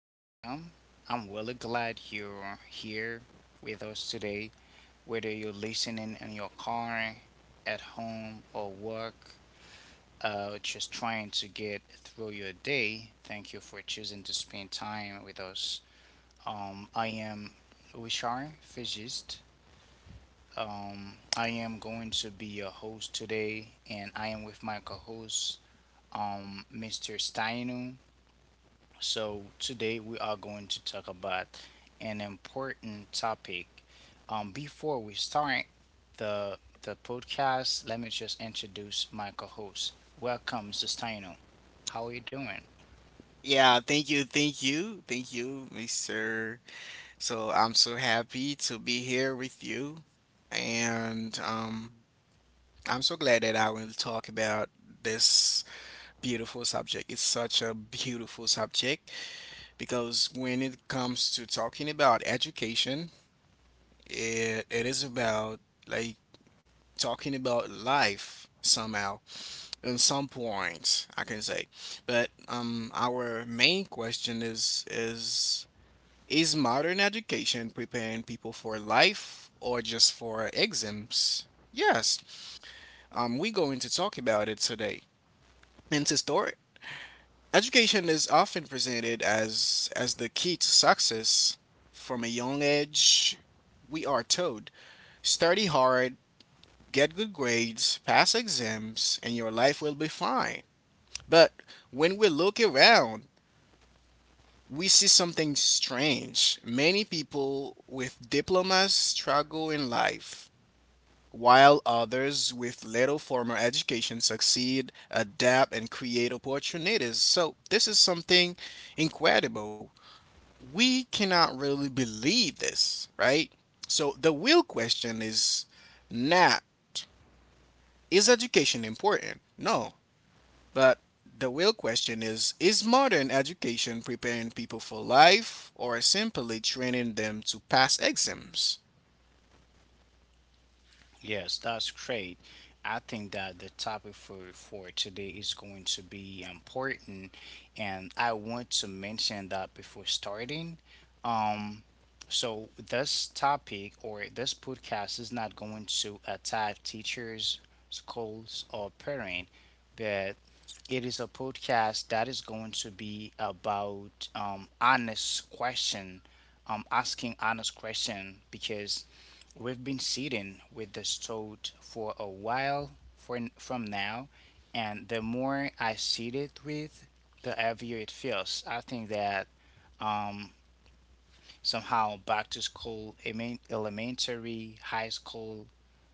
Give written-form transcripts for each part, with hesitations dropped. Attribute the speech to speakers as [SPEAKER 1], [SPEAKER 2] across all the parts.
[SPEAKER 1] welcome. I'm really glad you're here with us today. Whether you're listening in your car, at home, or work, just trying to get through your day, thank you for choosing to spend time with us. I am Wishar Fijist. I am going to be your host today, and I am with my co host, Mr. Steinu. So, today we are going to talk about an important topic. Before we start the podcast, let me just introduce my co host. Welcome, Sustaino. How are you doing?
[SPEAKER 2] Yeah, thank you, thank you, thank you, Mr. So I'm so happy to be here with you, and I'm so glad that I will talk about this beautiful subject. It's such a beautiful subject because when it comes to talking about education, it is about like talking about life somehow in some point, I can say. But our main question is, is modern education preparing people for life or just for exams? Yes, we're going to talk about it today. And to start, education is often presented as the key to success. From a young age, we are told, study hard, get good grades, pass exams, and your life will be fine. But when we look around, we see something strange. Many people with diplomas struggle in life, while others with little formal education succeed, adapt, and create opportunities. So this is something incredible. We cannot really believe this, right? So the real question is not, is education important? No. But the real question is modern education preparing people for life or simply training them to pass exams?
[SPEAKER 1] Yes, that's great. I think that the topic for today is going to be important, and I want to mention that before starting. Um, so this topic or this podcast is not going to attack teachers, schools, or parent, but it is a podcast that is going to be about honest question, asking honest question because we've been sitting with this thought for a while from now, and the more I sit it with, the heavier it feels. I think that um, somehow back to school, elementary, high school,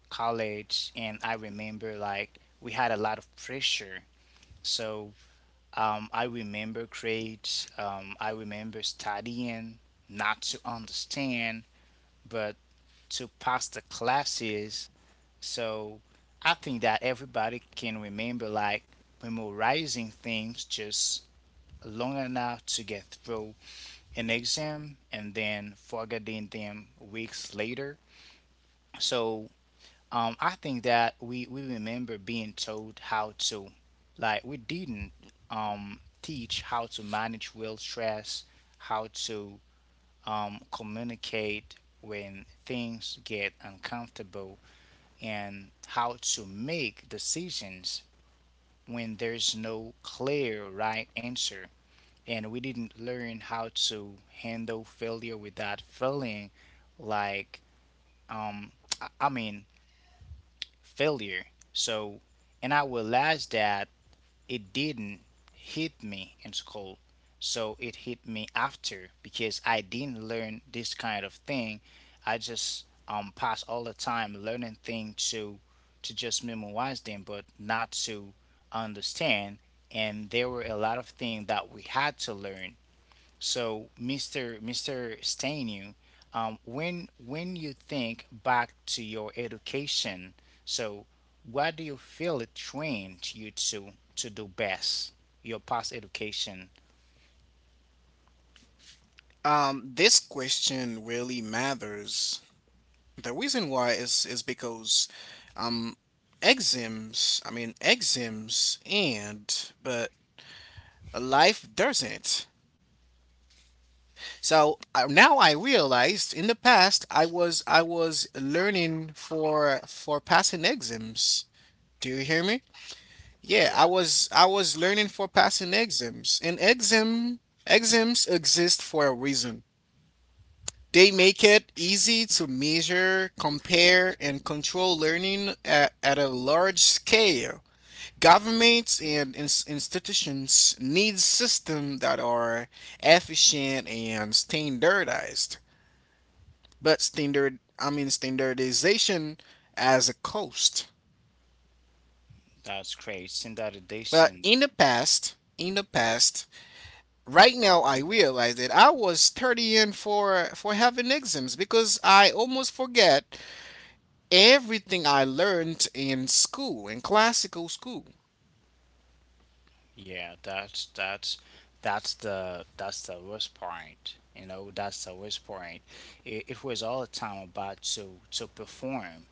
[SPEAKER 1] college, and I remember like we had a lot of pressure. So I remember grades, I remember studying, not to understand, but to pass the classes. So I think that everybody can remember like memorizing things just long enough to get through an exam and then forgetting them weeks later. So I think that we remember being told how to, like we didn't teach how to manage real stress, how to communicate when things get uncomfortable and how to make decisions when there's no clear right answer. And we didn't learn how to handle failure without feeling like, um, I mean, failure. So, and I realized that it didn't hit me in school. So it hit me after because I didn't learn this kind of thing. I just pass all the time learning things to just memorize them but not to understand, and there were a lot of things that we had to learn. So, Mr. Stainu, when you think back to your education, so what do you feel it trained you to do best? Your past education.
[SPEAKER 2] This question really matters. The reason why is because um, exams, I mean, exams end, but life doesn't. So now I realized in the past I was learning for passing exams. Do you hear me? Yeah, I
[SPEAKER 1] Yeah,
[SPEAKER 2] was learning for passing exams, and exams exist for a reason. They make it easy to measure, compare, and control learning at a large scale. Governments and institutions need systems that are efficient and standardized. But standardization as a cost.
[SPEAKER 1] that's great.
[SPEAKER 2] But
[SPEAKER 1] Standardization.
[SPEAKER 2] in the past, right now I realize that I was 30 in for having exams because I almost forget everything I learned in school, in classical school.
[SPEAKER 1] Yeah, that's the worst point. You know, that's the worst point. It was all the time about to perform.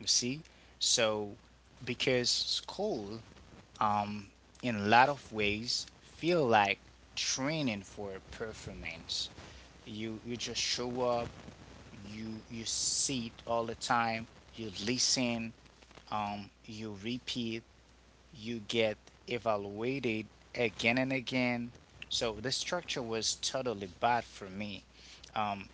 [SPEAKER 1] You see, so because school um, in a lot of ways feel like training for a performance. You just show up, you sit all the time, you listen, you repeat, you get evaluated again and again. So the structure was totally bad for me. Um,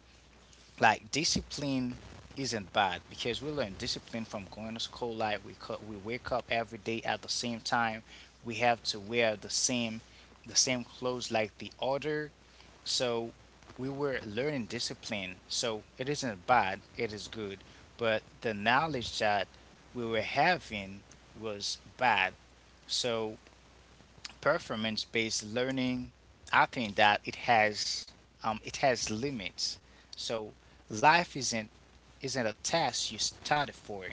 [SPEAKER 1] like discipline isn't bad because we learn discipline from going to school like we wake up every day at the same time, we have to wear the same clothes like the other. So we were learning discipline, so it isn't bad, it is good. But the knowledge that we were having was bad. So performance-based learning, I think that it has limits. So life isn't a task you study for.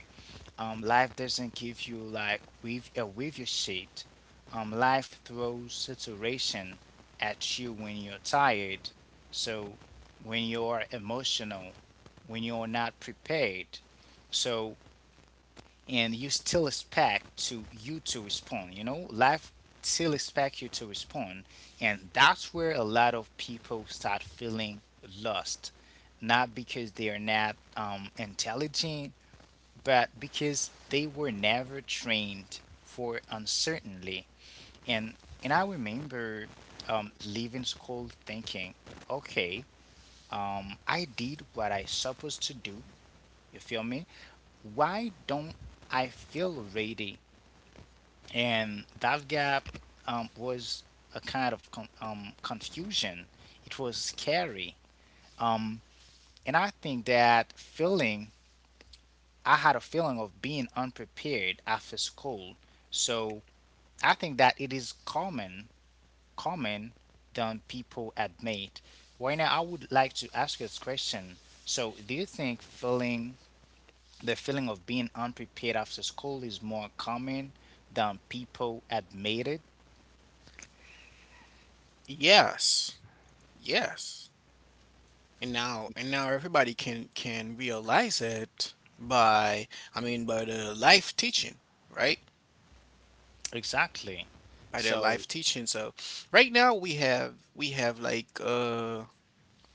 [SPEAKER 1] Life doesn't give you like with sheet. Life throws saturation at you when you're tired. So when you're emotional, when you're not prepared. So and you still expect to you to respond, you know, life still expect you to respond, and that's where a lot of people start feeling lost, not because they are not intelligent, but because they were never trained for uncertainty. And and I remember leaving school thinking, okay, I did what I supposed to do, you feel me, why don't I feel ready? And that gap was a kind of confusion. It was scary, um, and I think that feeling, I had a feeling of being unprepared after school. So I think that it is common, common than people admit. Right now, I would like to ask you this question. So, do you think feeling the feeling of being unprepared after school is more common than people admit?
[SPEAKER 2] Yes, yes. And now, everybody can realize it by, I mean, by the life teaching, right?
[SPEAKER 1] Exactly.
[SPEAKER 2] By their
[SPEAKER 1] So,
[SPEAKER 2] life teaching. So right now we have like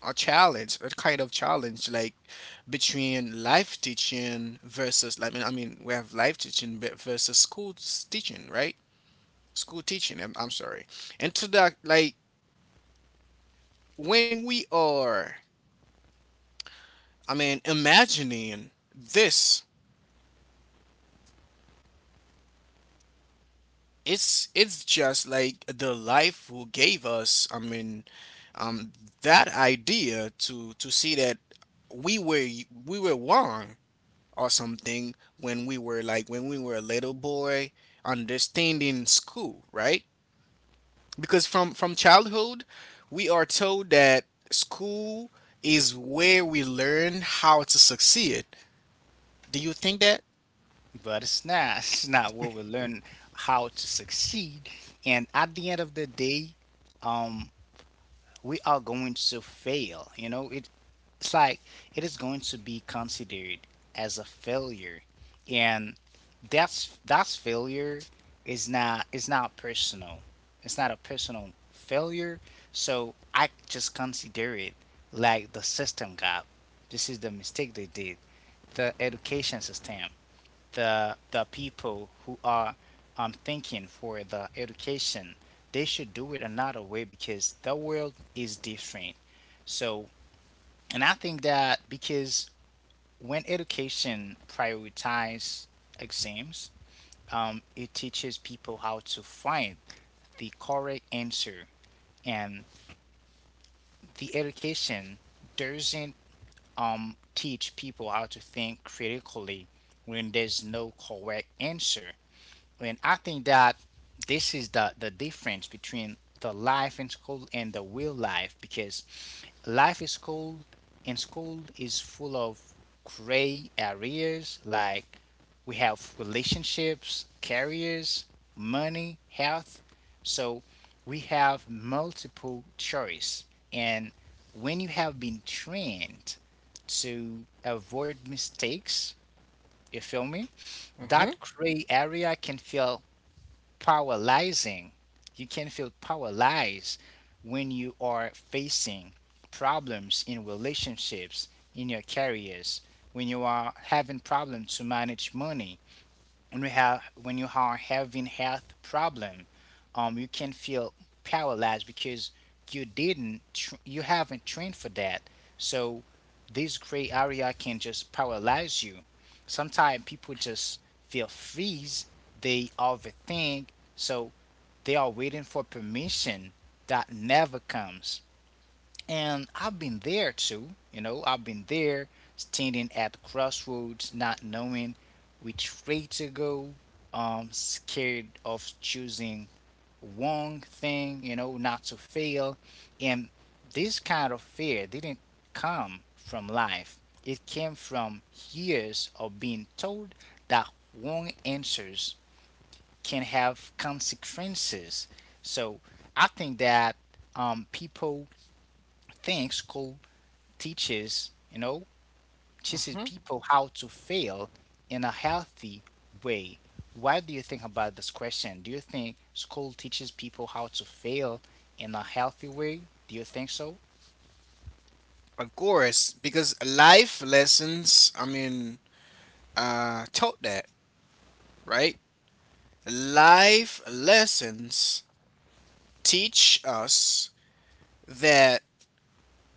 [SPEAKER 2] a challenge, a kind of challenge, like between life teaching versus, we have life teaching versus school teaching, right? School teaching, I'm sorry. And to that, like, when we are, I mean, imagining this, it's just like the life who gave us, I mean, um, that idea to see that we were wrong or something when we were like when we were a little boy understanding school, right? Because from childhood we are told that school is where we learn how to succeed. Do you think that?
[SPEAKER 1] but it's not. It's not what we learn how to succeed. And at the end of the day, um, we are going to fail. You know, it, it's like it is going to be considered as a failure, and that's failure is not personal. It's not a personal failure. So I just consider it like the system got. This is the mistake they did. The education system, the people who are thinking for the education, they should do it another way because the world is different. So and I think that because when education prioritize exams, it teaches people how to find the correct answer, and the education doesn't teach people how to think critically when there's no correct answer. And I think that this is the difference between the life in school and the real life because life is school and school is full of gray areas. Like we have relationships, careers, money, health. So we have multiple choice, and when you have been trained to avoid mistakes, you feel me?
[SPEAKER 2] Mm-hmm.
[SPEAKER 1] That gray area can feel paralyzing. You can feel paralyzed when you are facing problems in relationships, in your careers, when you are having problems to manage money, when you have when you are having health problem. You can feel paralyzed because you didn't tr- you haven't trained for that. So this gray area can just paralyze you. Sometimes people just feel freeze, they overthink. So they are waiting for permission that never comes. And I've been there too, you know, I've been there standing at crossroads, not knowing which way to go, scared of choosing wrong thing, you know, not to fail. And this kind of fear didn't come from life. It came from years of being told that wrong answers can have consequences. So I think that people think school teaches, you know, teaches
[SPEAKER 2] Mm-hmm.
[SPEAKER 1] people how to fail in a healthy way. What do you think about this question? Do you think school teaches people how to fail in a healthy way? Do you think so?
[SPEAKER 2] Of course, because life lessons, I mean, taught that, right? Life lessons teach us that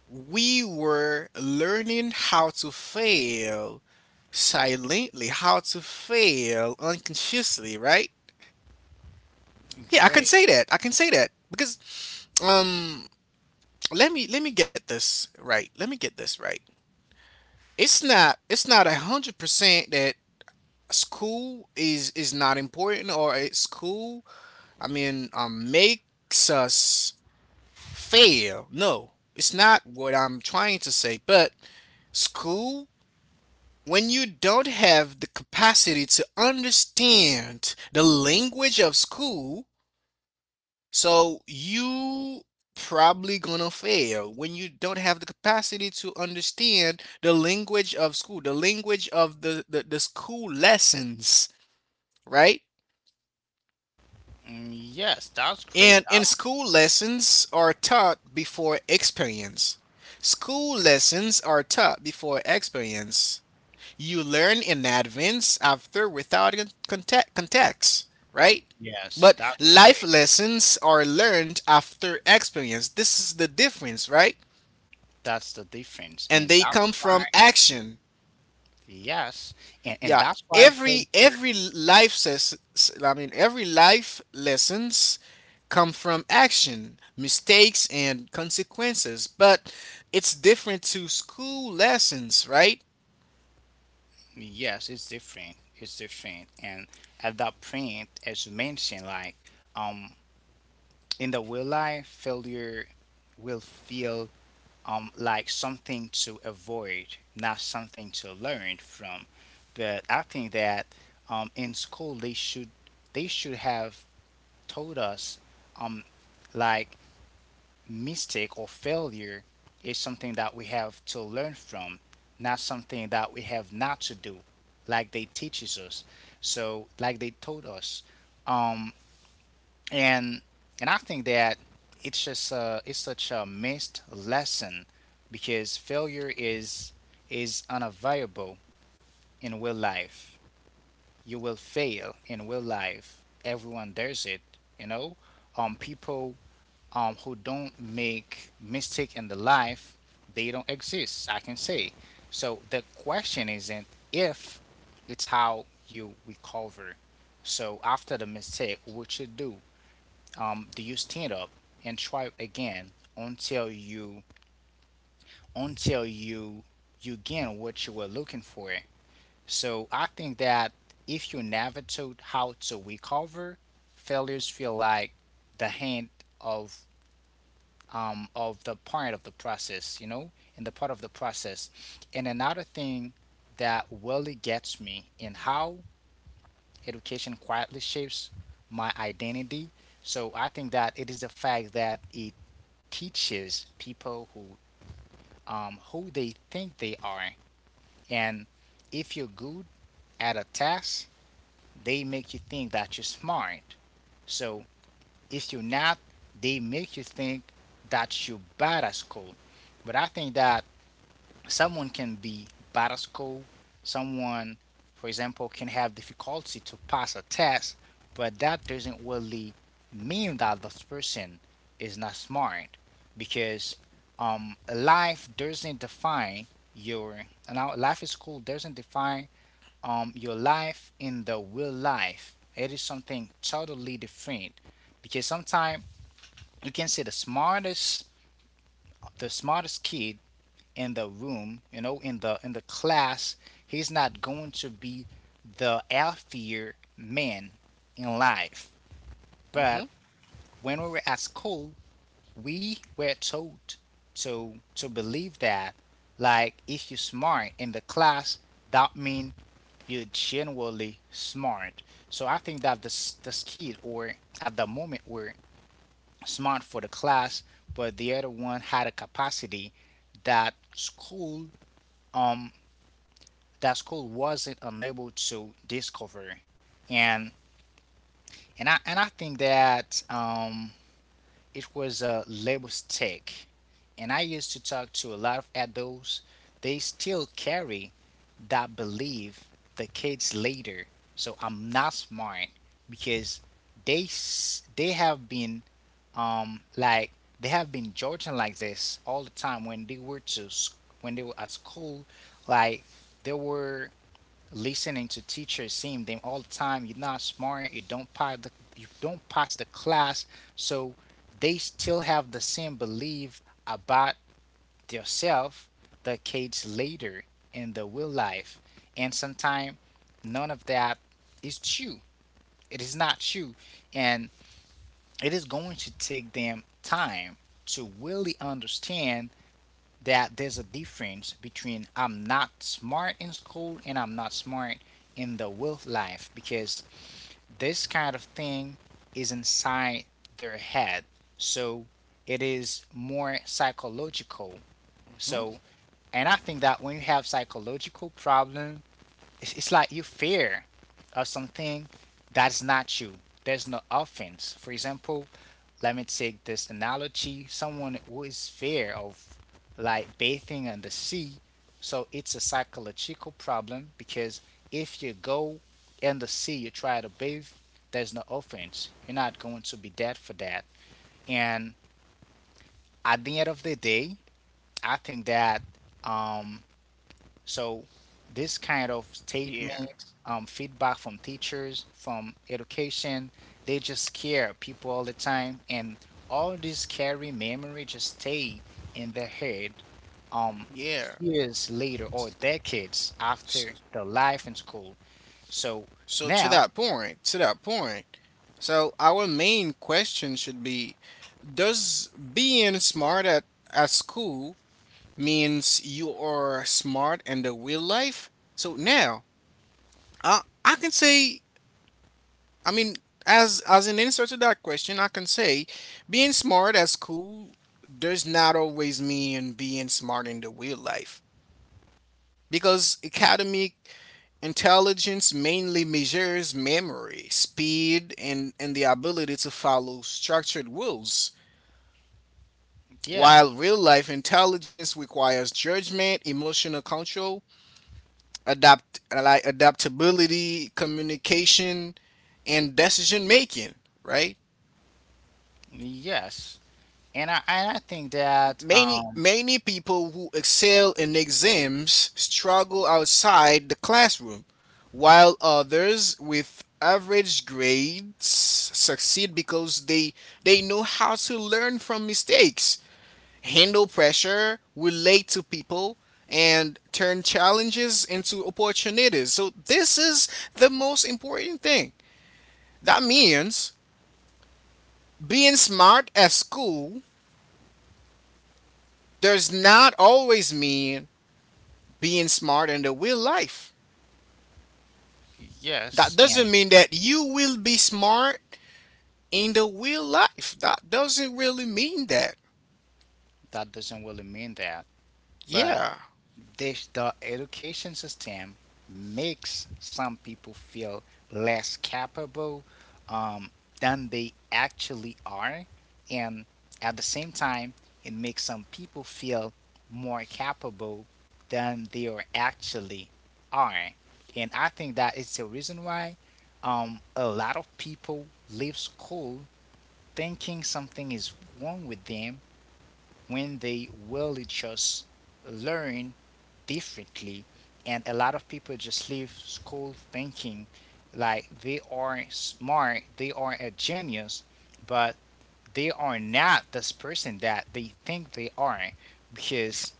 [SPEAKER 2] we were learning how to fail silently, how to fail unconsciously, right? Yeah, I can
[SPEAKER 1] Great.
[SPEAKER 2] say that. I can say that because um let me get this right. Let me get this right. It's not 100% that school is not important or at school I mean makes us fail. No, it's not what I'm trying to say, but school, when you don't have the capacity to understand the language of school, so you probably gonna fail when you don't have the capacity to understand the language of school, the language of the school lessons, right?
[SPEAKER 1] Mm, yes, that's great.
[SPEAKER 2] And in school lessons are taught before experience. School lessons are taught before experience. You learn in advance after without context, right?
[SPEAKER 1] Yes,
[SPEAKER 2] But
[SPEAKER 1] that's
[SPEAKER 2] life
[SPEAKER 1] great.
[SPEAKER 2] lessons are learned after experience. This is the difference, right?
[SPEAKER 1] That's the difference,
[SPEAKER 2] And
[SPEAKER 1] and
[SPEAKER 2] they
[SPEAKER 1] that's
[SPEAKER 2] come
[SPEAKER 1] why.
[SPEAKER 2] from action.
[SPEAKER 1] Yes, and
[SPEAKER 2] Yeah,
[SPEAKER 1] that's why
[SPEAKER 2] every
[SPEAKER 1] failure.
[SPEAKER 2] every life says, I mean, every life lessons come from action, mistakes and consequences, but it's different to school lessons, right?
[SPEAKER 1] Yes, it's different. It's different. And at that point, as you mentioned, like um in the real life, failure will feel like something to avoid, not something to learn from. But I think that in school they should have told us um like mistake or failure is something that we have to learn from, not something that we have not to do, like they teaches us. So like they told us. Um, and and I think that it's just it's such a missed lesson because failure is unavoidable in real life. You will fail in real life. Everyone does it, you know. People who don't make mistake in the life, they don't exist, I can say. So the question isn't if, it's how you recover. So after the mistake, what you do? Do you stand up and try again until until you you gain what you were looking for? So I think that if you never taught how to recover, failures feel like the hand of of the part of the process, you know, in the part of the process. And another thing that really gets me in how education quietly shapes my identity. So I think that it is the fact that it teaches people who they think they are, and if you're good at a task, they make you think that you're smart. So if you're not, they make you think that you're bad at school. But I think that someone can be bad at school. Someone, for example, can have difficulty to pass a test, but that doesn't really mean that this person is not smart because life doesn't define your now life in school doesn't define your life in the real life. It is something totally different because sometimes you can see the smartest kid in the room, you know, in the class, he's not going to be the healthier man in life. But
[SPEAKER 2] Mhm.
[SPEAKER 1] when we were at school, we were taught to believe that, like, if you're smart in the class, that means you're genuinely smart. So I think that this kid or at the moment were smart for the class, but the other one had a capacity that school um that school wasn't unable to discover. And and I and I think that it was a label stick. And I used to talk to a lot of adults. They still carry that belief. The kids later, so I'm not smart because they have been like they have been judging like this all the time when they were to s- when they were at school, like they were listening to teachers saying them all the time, you're not smart, you don't pass the, you don't pass the class, so they still have the same belief about themselves, the kids later, in the real life. And sometimes none of that is true. It is not true, and it is going to take them time to really understand that there's a difference between I'm not smart in school and I'm not smart in the real life, because this kind of thing is inside their head. So it is more psychological.
[SPEAKER 2] Mhm.
[SPEAKER 1] So and I think that when you have psychological problem, it's like you fear of something that's not you. There's no offense. For example, let me take this analogy, someone who is fear of like bathing on the sea, so it's a psychological problem because if you go in the sea, you try to bathe, there's no offense, you're not going to be dead for that. And at the end of the day, I think that um so this kind of
[SPEAKER 2] Yeah.
[SPEAKER 1] statement, feedback from teachers, from education, they just scare people all the time, and all this scary memory just stay in their head, um,
[SPEAKER 2] Yeah.
[SPEAKER 1] years later or decades after
[SPEAKER 2] S-
[SPEAKER 1] the life in school. So
[SPEAKER 2] So to
[SPEAKER 1] now,
[SPEAKER 2] that point, so our main question should be, does being smart at school means you are smart in the real life? So now, I can say, I mean, as an answer to that question, I can say being smart at school does not always mean being smart in the real life, because academic intelligence mainly measures memory, speed, and the ability to follow structured rules,
[SPEAKER 1] yeah,
[SPEAKER 2] while real life intelligence requires judgment, emotional control, adaptability, communication, and decision making, right?
[SPEAKER 1] yes, and I think that
[SPEAKER 2] Many many people who excel in exams struggle outside the classroom, while others with average grades succeed because they know how to learn from mistakes, handle pressure, relate to people, and turn challenges into opportunities. So this is the most important thing. That means being smart at school does not always mean being smart in the real life. That
[SPEAKER 1] yes,
[SPEAKER 2] doesn't
[SPEAKER 1] and
[SPEAKER 2] mean that you will be smart in the real life. That doesn't really mean that.
[SPEAKER 1] that doesn't really mean that, but
[SPEAKER 2] Yeah,
[SPEAKER 1] the education system makes some people feel less capable, um, than they actually are, and at the same time, it makes some people feel more capable than they are actually are. And I think that it's the reason why a lot of people leave school thinking something is wrong with them when they really just learn differently. And a lot of people just leave school thinking like they are smart, they are a genius, but they are not this person that they think they are, because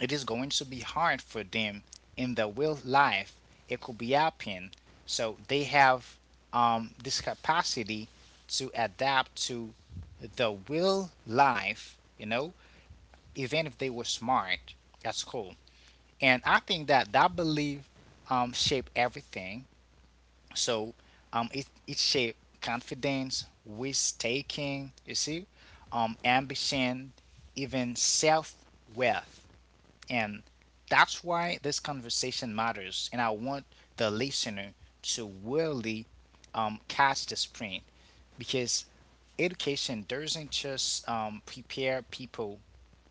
[SPEAKER 1] it is going to be hard for them in their real life. It could be happen. So they have this capacity to adapt to the real life, you know, even if they were smart at school. And I think that that belief shape everything. So it shape confidence, risk taking, you see, ambition, even self worth, and that's why this conversation matters. And I want the listener to really catch the sprint, because education doesn't just prepare people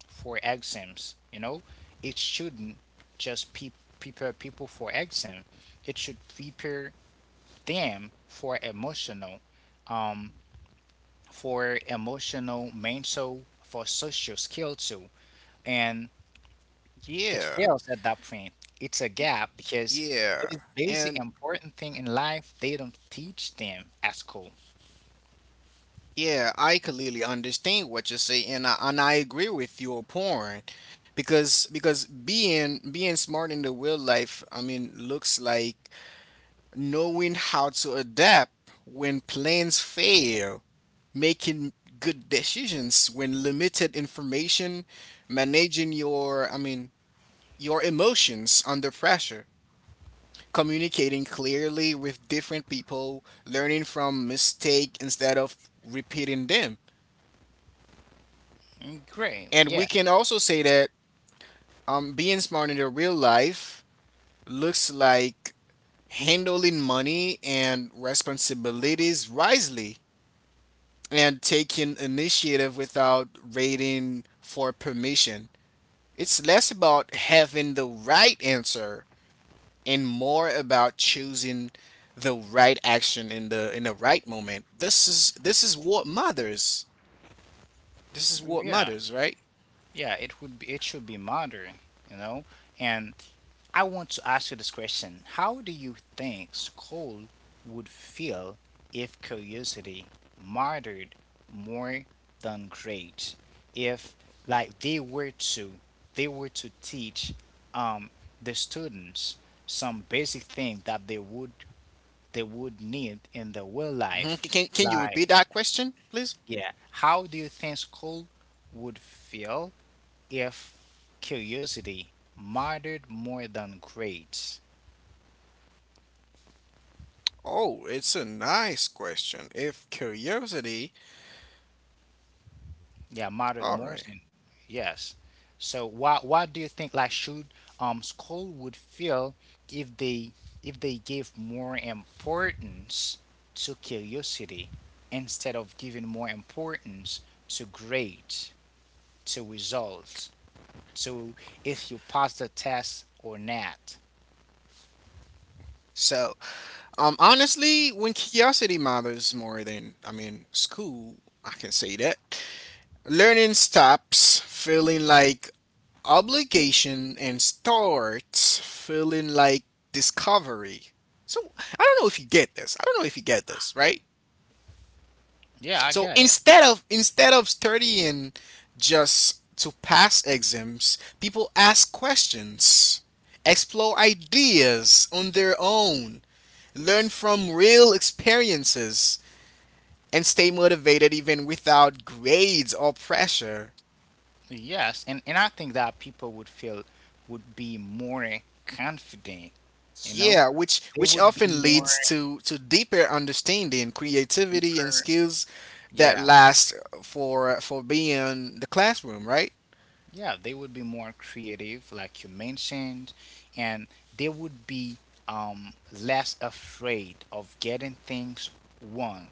[SPEAKER 1] for exams. You know, it shouldn't just pe- prepare people for exam. It should prepare them for emotional, mental, for social skill too. And it
[SPEAKER 2] yeah,
[SPEAKER 1] fails at that point. It's a gap because
[SPEAKER 2] yeah.
[SPEAKER 1] this basic
[SPEAKER 2] And
[SPEAKER 1] important thing in life they don't teach them at school.
[SPEAKER 2] yeah, I completely understand what you say, and I agree with your point because being smart in the real life, I mean, looks like knowing how to adapt when plans fail, making good decisions when limited information, managing your, I mean, your emotions under pressure, communicating clearly with different people, learning from mistake instead of repeating them.
[SPEAKER 1] Mm, great,
[SPEAKER 2] And we
[SPEAKER 1] yeah,
[SPEAKER 2] can also say that being smart in the real life looks like handling money and responsibilities wisely and taking initiative without waiting for permission. It's less about having the right answer and more about choosing the right action in the right moment. This is what matters. This is what
[SPEAKER 1] yeah,
[SPEAKER 2] matters, right?
[SPEAKER 1] yeah. It would be, it should be modern, you know. And I want to ask you this question. How do you think school would feel if curiosity mattered more than grades? If like they were to teach um the students some basic thing that they would need in their real life.
[SPEAKER 2] Mhm. Can you
[SPEAKER 1] Like
[SPEAKER 2] repeat that question, please?
[SPEAKER 1] yeah, how do you think school would feel if curiosity mattered more than grades?
[SPEAKER 2] Oh, it's a nice question. If curiosity,
[SPEAKER 1] Yeah, modern
[SPEAKER 2] all right.
[SPEAKER 1] Morrison. Yes. So what do you think like should school would feel if they if they gave more importance to curiosity instead of giving more importance to grades, to results, to if you pass the test or not?
[SPEAKER 2] So honestly, when curiosity matters more than, I mean, school, I can say that. Learning stops feeling like obligation and starts feeling like discovery. So I don't know if you get this. I don't know if you get this, right?
[SPEAKER 1] Yeah, I
[SPEAKER 2] So
[SPEAKER 1] got it.
[SPEAKER 2] instead of studying just to pass exams, people ask questions, explore ideas on their own, learn from real experiences and stay motivated even without grades or pressure.
[SPEAKER 1] Yes, and I think that people would feel would be more confident, you know?
[SPEAKER 2] Yeah, which
[SPEAKER 1] They would be
[SPEAKER 2] often
[SPEAKER 1] more
[SPEAKER 2] leads to deeper understanding, creativity, and
[SPEAKER 1] empower-
[SPEAKER 2] skills that
[SPEAKER 1] yeah.
[SPEAKER 2] last for beyond the classroom, right?
[SPEAKER 1] Yeah, they would be more creative, like you mentioned, and they would be less afraid of getting things wrong.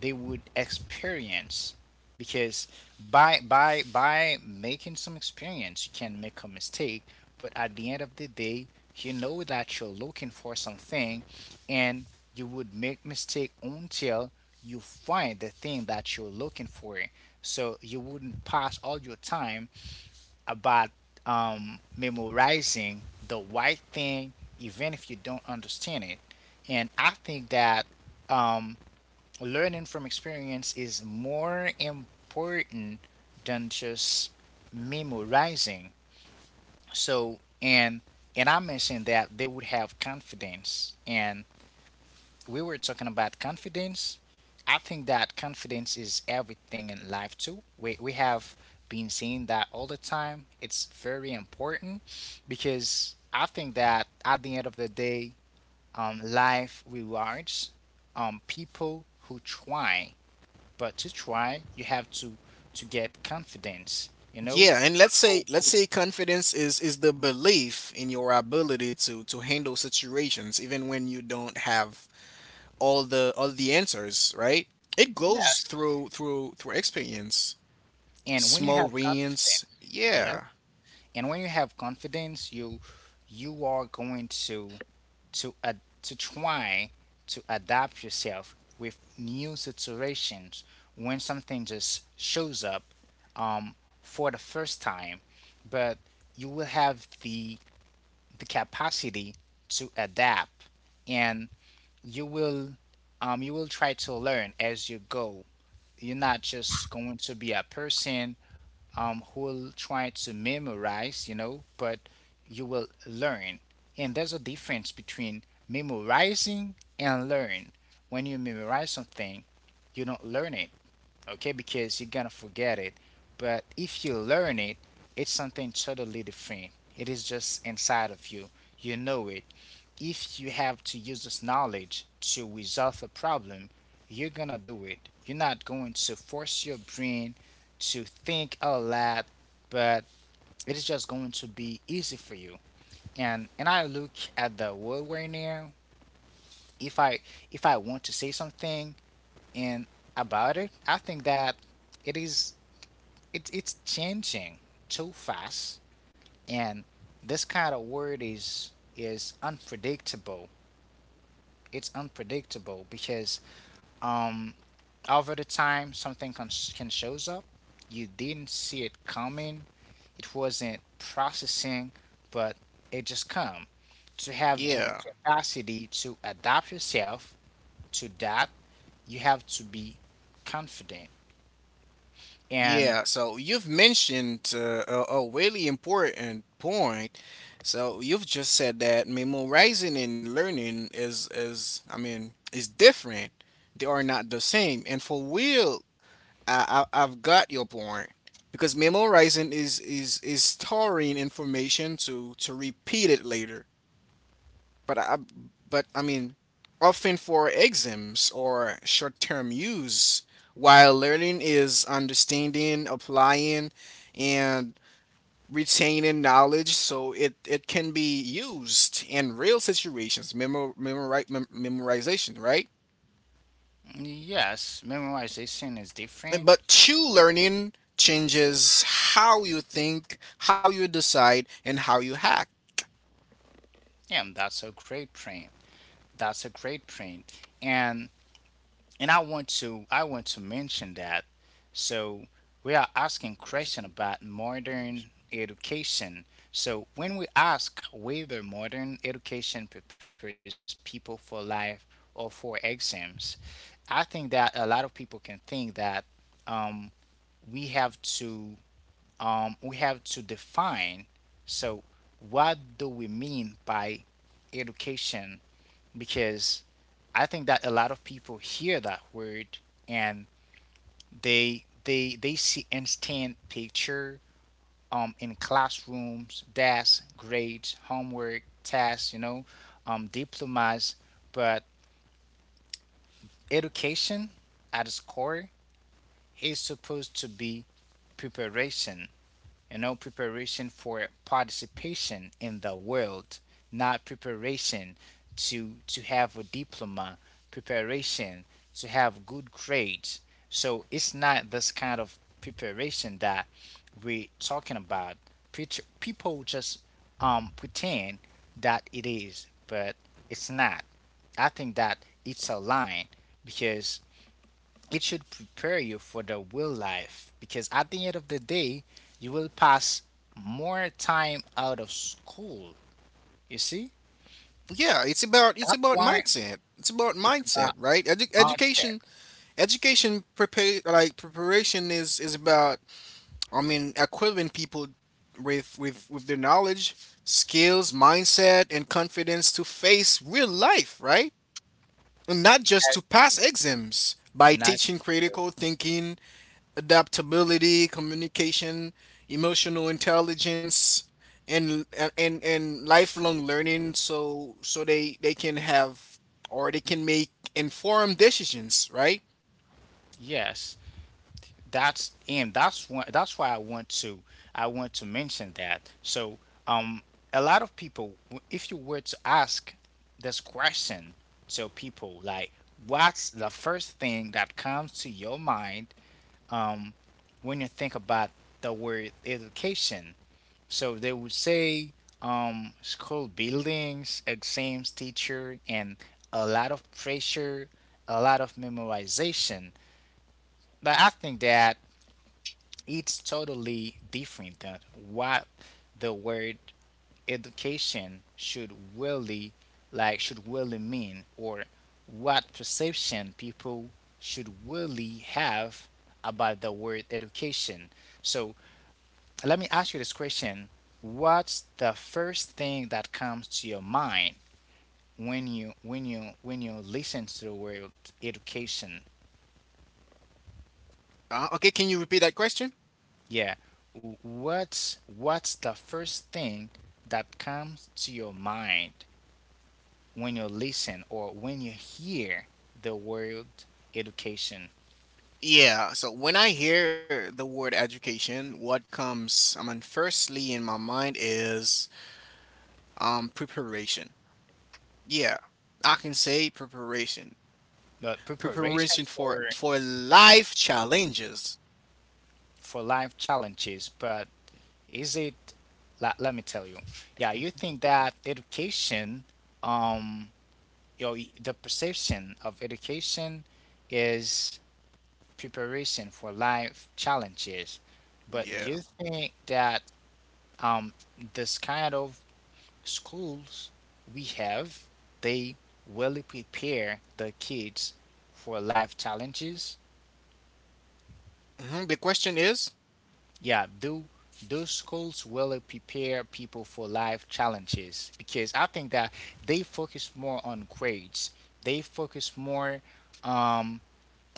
[SPEAKER 1] They would experience because by making some experience, you can make a mistake, but at the end of the day, you know that you're looking for something, and you would make mistake until you find the thing that you're looking for. So you wouldn't pass all your time about memorizing the right thing, even if you don't understand it. And I think that um, learning from experience is more important than just memorizing. So, and I mentioned that they would have confidence, and we were talking about confidence. I think that confidence is everything in life too. We have been saying that all the time. It's very important because I think that at the end of the day, life rewards people who try. But to try, you have to get confidence. You know.
[SPEAKER 2] Yeah, and
[SPEAKER 1] Oh,
[SPEAKER 2] let's say confidence is the belief in your ability to handle situations even when you don't have all the answers, right? It goes
[SPEAKER 1] yes.
[SPEAKER 2] through experience,
[SPEAKER 1] And when you
[SPEAKER 2] small
[SPEAKER 1] have
[SPEAKER 2] wins.
[SPEAKER 1] confidence, yeah.
[SPEAKER 2] Yeah.
[SPEAKER 1] And when you have confidence, you are going to to try to adapt yourself with new situations when something just shows up for the first time, but you will have the capacity to adapt. And you will you will try to learn as you go, you're not just going to be a person who'll try to memorize, you know, but you will learn. And there's a difference between memorizing and learn. When you memorize something, you don't learn it, okay, because you're gonna forget it. But if you learn it, it's something totally different. It is just inside of you. You know it. If you have to use this knowledge to resolve a problem, you're gonna do it. You're not going to force your brain to think a lot, but it is just going to be easy for you. And I look at the world right now. If I if I want to say something and about it, I think that it is it's changing too fast, and this kind of word is unpredictable. It's unpredictable because Um, over the time, something can shows up. You didn't see it coming. It wasn't processing, but it just come. To have the
[SPEAKER 2] Yeah.
[SPEAKER 1] capacity to adapt yourself to that, you have to be confident. And
[SPEAKER 2] Yeah, so you've mentioned a really important point. So you've just said that memorizing and learning is I mean is different. They are not the same. And for real, I I've got your point because memorizing is storing information to repeat it later. But I mean, often for exams or short-term use, while learning is understanding, applying, and retaining knowledge, so it can be used in real situations, memorization, right?
[SPEAKER 1] yes, memorization is different.
[SPEAKER 2] But true learning changes how you think, how you decide, and how you hack.
[SPEAKER 1] Yeah, that's a great point. That's a great point. And I want to mention that. So we are asking
[SPEAKER 2] Where is it?
[SPEAKER 1] question about
[SPEAKER 2] Where is
[SPEAKER 1] modern education. So when we ask whether modern education prepares people for life or for exams, I think that a lot of people can think that um, we have to we have to define. So what do we mean by education? Because I think that a lot of people hear that word and they they see instant picture in classrooms, desks, grades, homework, tasks, you know, diplomas, but education at its core is supposed to be preparation, you know, preparation for participation in the world, not preparation to have a diploma, preparation to have good grades. So it's not this kind of preparation that we're talking about. People just pretend that it is, but it's not. I think that it's a line because it should prepare you for the real life, because at the end of the day, you will pass more time out of school. You see?
[SPEAKER 2] Yeah, it's about
[SPEAKER 1] That's why
[SPEAKER 2] mindset. It's about
[SPEAKER 1] it's
[SPEAKER 2] mindset,
[SPEAKER 1] about
[SPEAKER 2] right?
[SPEAKER 1] mindset.
[SPEAKER 2] Education prepare like preparation is about, I mean, equipping people with their knowledge, skills, mindset, and confidence to face real life, right? And not
[SPEAKER 1] It
[SPEAKER 2] just
[SPEAKER 1] has
[SPEAKER 2] to pass exams by
[SPEAKER 1] not
[SPEAKER 2] teaching
[SPEAKER 1] to.
[SPEAKER 2] critical thinking, adaptability, communication, emotional intelligence, and lifelong learning so they can have or they can make informed decisions, right?
[SPEAKER 1] Yes, that's and that's one. That's why I want to. I want to mention that. So, um, a lot of people, if you were to ask this question to people, like, what's the first thing that comes to your mind when you think about the word education. So they would say school buildings, exams, teacher, and a lot of pressure, a lot of memorization. But I think that it's totally different than what the word education should really like should really mean, or what perception people should really have about the word education. So let me ask you this question. What's the first thing that comes to your mind when you listen to the word education?
[SPEAKER 2] Okay, can you repeat that question?
[SPEAKER 1] Yeah. What's the first thing that comes to your mind when you listen or when you hear the word education?
[SPEAKER 2] Yeah, so when I hear the word education, what comes, I mean, firstly in my mind is preparation. Yeah, I can say preparation.
[SPEAKER 1] But preparation
[SPEAKER 2] Preparation for life challenges.
[SPEAKER 1] for life challenges, but is it, let, let me tell you. Yeah, you
[SPEAKER 2] Mhm.
[SPEAKER 1] think that education um you know, the perception of education is preparation for life challenges. But do you
[SPEAKER 2] Yeah.
[SPEAKER 1] think that um, this kind of schools we have, they really prepare the kids for life challenges?
[SPEAKER 2] The question is,
[SPEAKER 1] Yeah, do those schools really prepare people for life challenges? Because I think that they focus more on grades. They focus more um,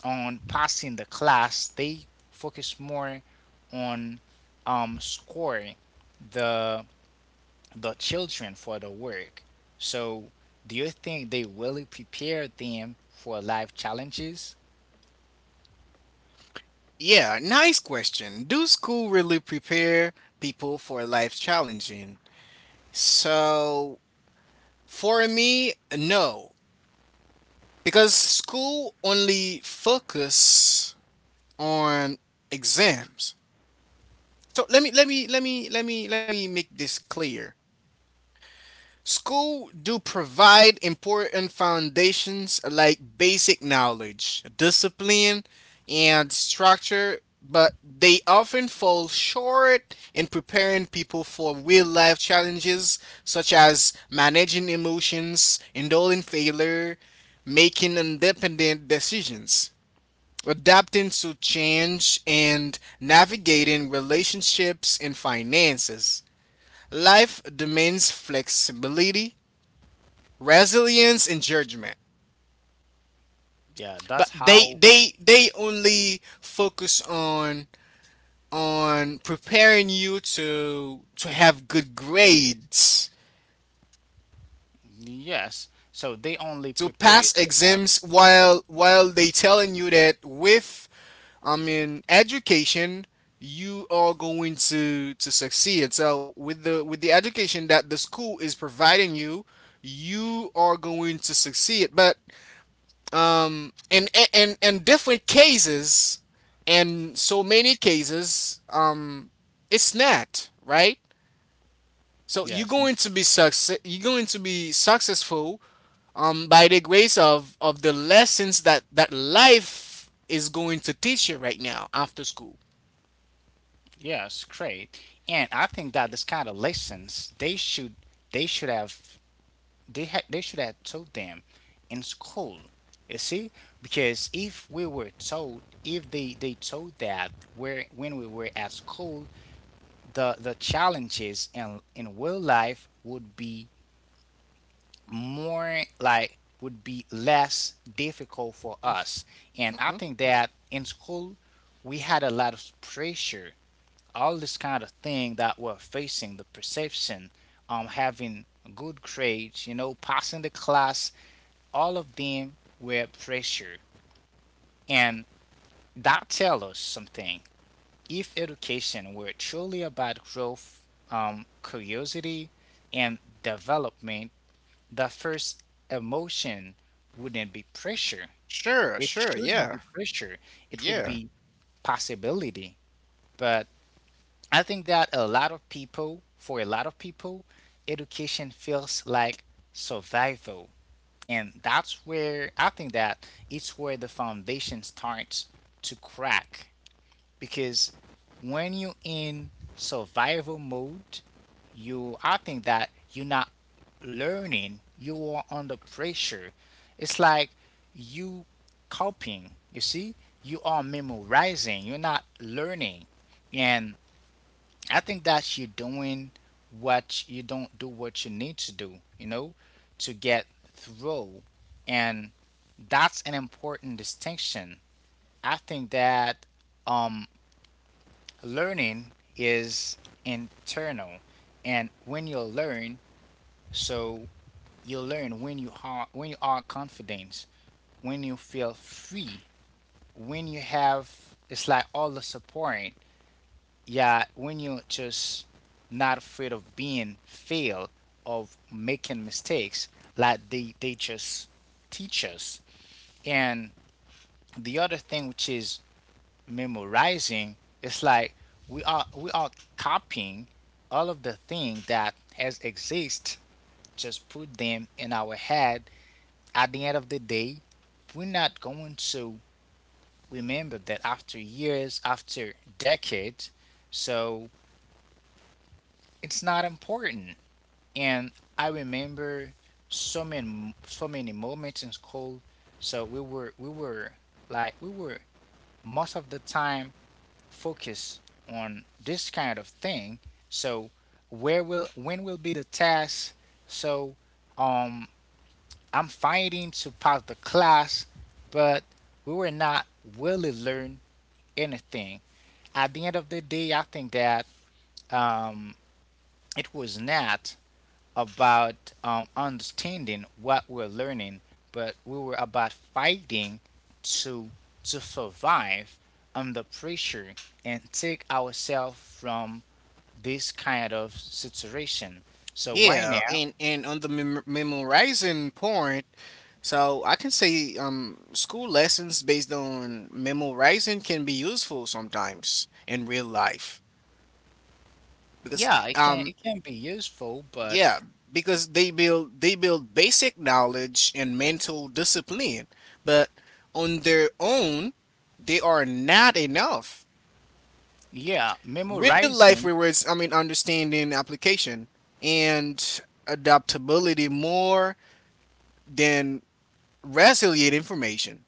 [SPEAKER 1] on passing the class, they focus more on scoring the the children for the work. So, do you think they really prepare them for life challenges?
[SPEAKER 2] yeah, nice question. Do school really prepare people for life challenging? So, for me, no, because school only focus on exams. So let me make this clear. School do provide important foundations like basic knowledge, discipline and structure, but they often fall short in preparing people for real life challenges such as managing emotions, enduring failure, making independent decisions, adapting to change, and navigating relationships and finances. Life demands flexibility, resilience, and judgment.
[SPEAKER 1] Yeah, that's
[SPEAKER 2] But they
[SPEAKER 1] how.
[SPEAKER 2] they they only focus on preparing you to have good grades
[SPEAKER 1] Yes. So they only
[SPEAKER 2] to
[SPEAKER 1] prepare you
[SPEAKER 2] pass
[SPEAKER 1] to have.
[SPEAKER 2] exams, while they telling you that with, I mean, education, you are going to succeed. So with the education that the school is providing you, you are going to succeed. But in different cases, and so many cases, it's not right. So you're
[SPEAKER 1] Yes, and
[SPEAKER 2] going to be success. You're going to be successful by the grace of the lessons that life is going to teach you right now after school.
[SPEAKER 1] yes, great. And I think that this kind of lessons they should have they had they should have taught them in school, you see. Because if they told that where when we were at school, the challenges in real life would be, more like would be less difficult for us. And I
[SPEAKER 2] Hmm.
[SPEAKER 1] think that in school we had a lot of pressure. All this kind of thing that we're facing: the perception, having good grades, passing the class, all of them were pressure. And that tells us something. If education were truly about growth, curiosity, and development, the first emotion wouldn't be pressure.
[SPEAKER 2] Sure,
[SPEAKER 1] It
[SPEAKER 2] sure,
[SPEAKER 1] shouldn't
[SPEAKER 2] yeah,
[SPEAKER 1] be pressure. It would
[SPEAKER 2] yeah,
[SPEAKER 1] be possibility. But I think that a lot of people, for a lot of people, education feels like survival. And that's where I think that it's where the foundation starts to crack, because when you're in survival mode, you I think that you're not learning, you are under pressure. It's like you copying, you see? You are memorizing, you're not learning. And I think that you don't do what you need to do, you know, to get through. And that's an important distinction. I think that um, learning is internal, and when you learn, so you learn when you are confident, when you feel free, when you have it's like all the support. Yeah, when you are just not afraid of being failed, of making mistakes, like they just teach us. And the other thing, which is memorizing, it's like we are copying all of the thing that has exist, just put them in our head. At the end of the day we're not going to remember that after years, after decades, so it's not important. And I remember so many so many moments in school. So we were most of the time focus on this kind of thing. So where will when will be the test? So um I'm fighting to pass the class, but we were not really learn anything. At the end of the day, I think that um it was not about, understanding what we're learning, but we were about fighting to survive under pressure and take ourselves from this kind of situation. So why
[SPEAKER 2] yeah.
[SPEAKER 1] now?
[SPEAKER 2] And on the memorizing point, so I can say school lessons based on memorizing can be useful sometimes in real life because
[SPEAKER 1] Yeah,
[SPEAKER 2] um
[SPEAKER 1] it can be useful, but
[SPEAKER 2] yeah because they build basic knowledge and mental discipline, but on their own they are not enough.
[SPEAKER 1] yeah,
[SPEAKER 2] Real life
[SPEAKER 1] memorizing,
[SPEAKER 2] rewards, I mean, understanding application and adaptability more than resilient information.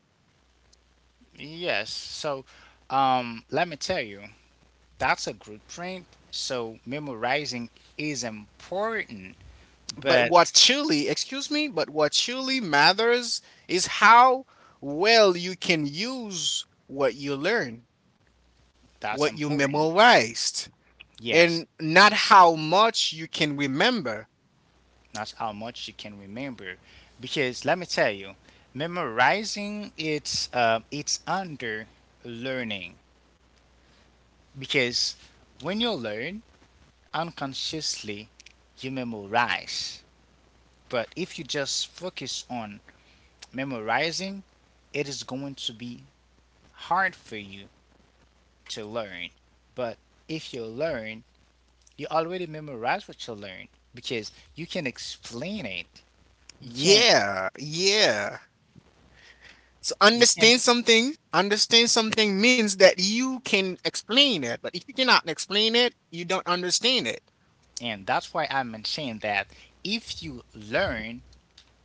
[SPEAKER 1] yes. So, let me tell you, that's a good point. So memorizing is important,
[SPEAKER 2] But
[SPEAKER 1] but
[SPEAKER 2] what truly, excuse me, but what truly matters is how well you can use what you learn,
[SPEAKER 1] that's
[SPEAKER 2] what you
[SPEAKER 1] important.
[SPEAKER 2] memorized,
[SPEAKER 1] Yes,
[SPEAKER 2] and not how much you can remember.
[SPEAKER 1] that's how much you can remember. Because let me tell you, memorizing it's under learning, because when you learn unconsciously you memorize. But if you just focus on memorizing, it is going to be hard for you to learn. But if you learn, you already memorize what you learn because you can explain it. You can,
[SPEAKER 2] Yeah, yeah. So
[SPEAKER 1] you can,
[SPEAKER 2] understand something. Understand something means that you can explain it, but if you cannot explain it, you don't understand it.
[SPEAKER 1] and that's why I mentioned that if you learn,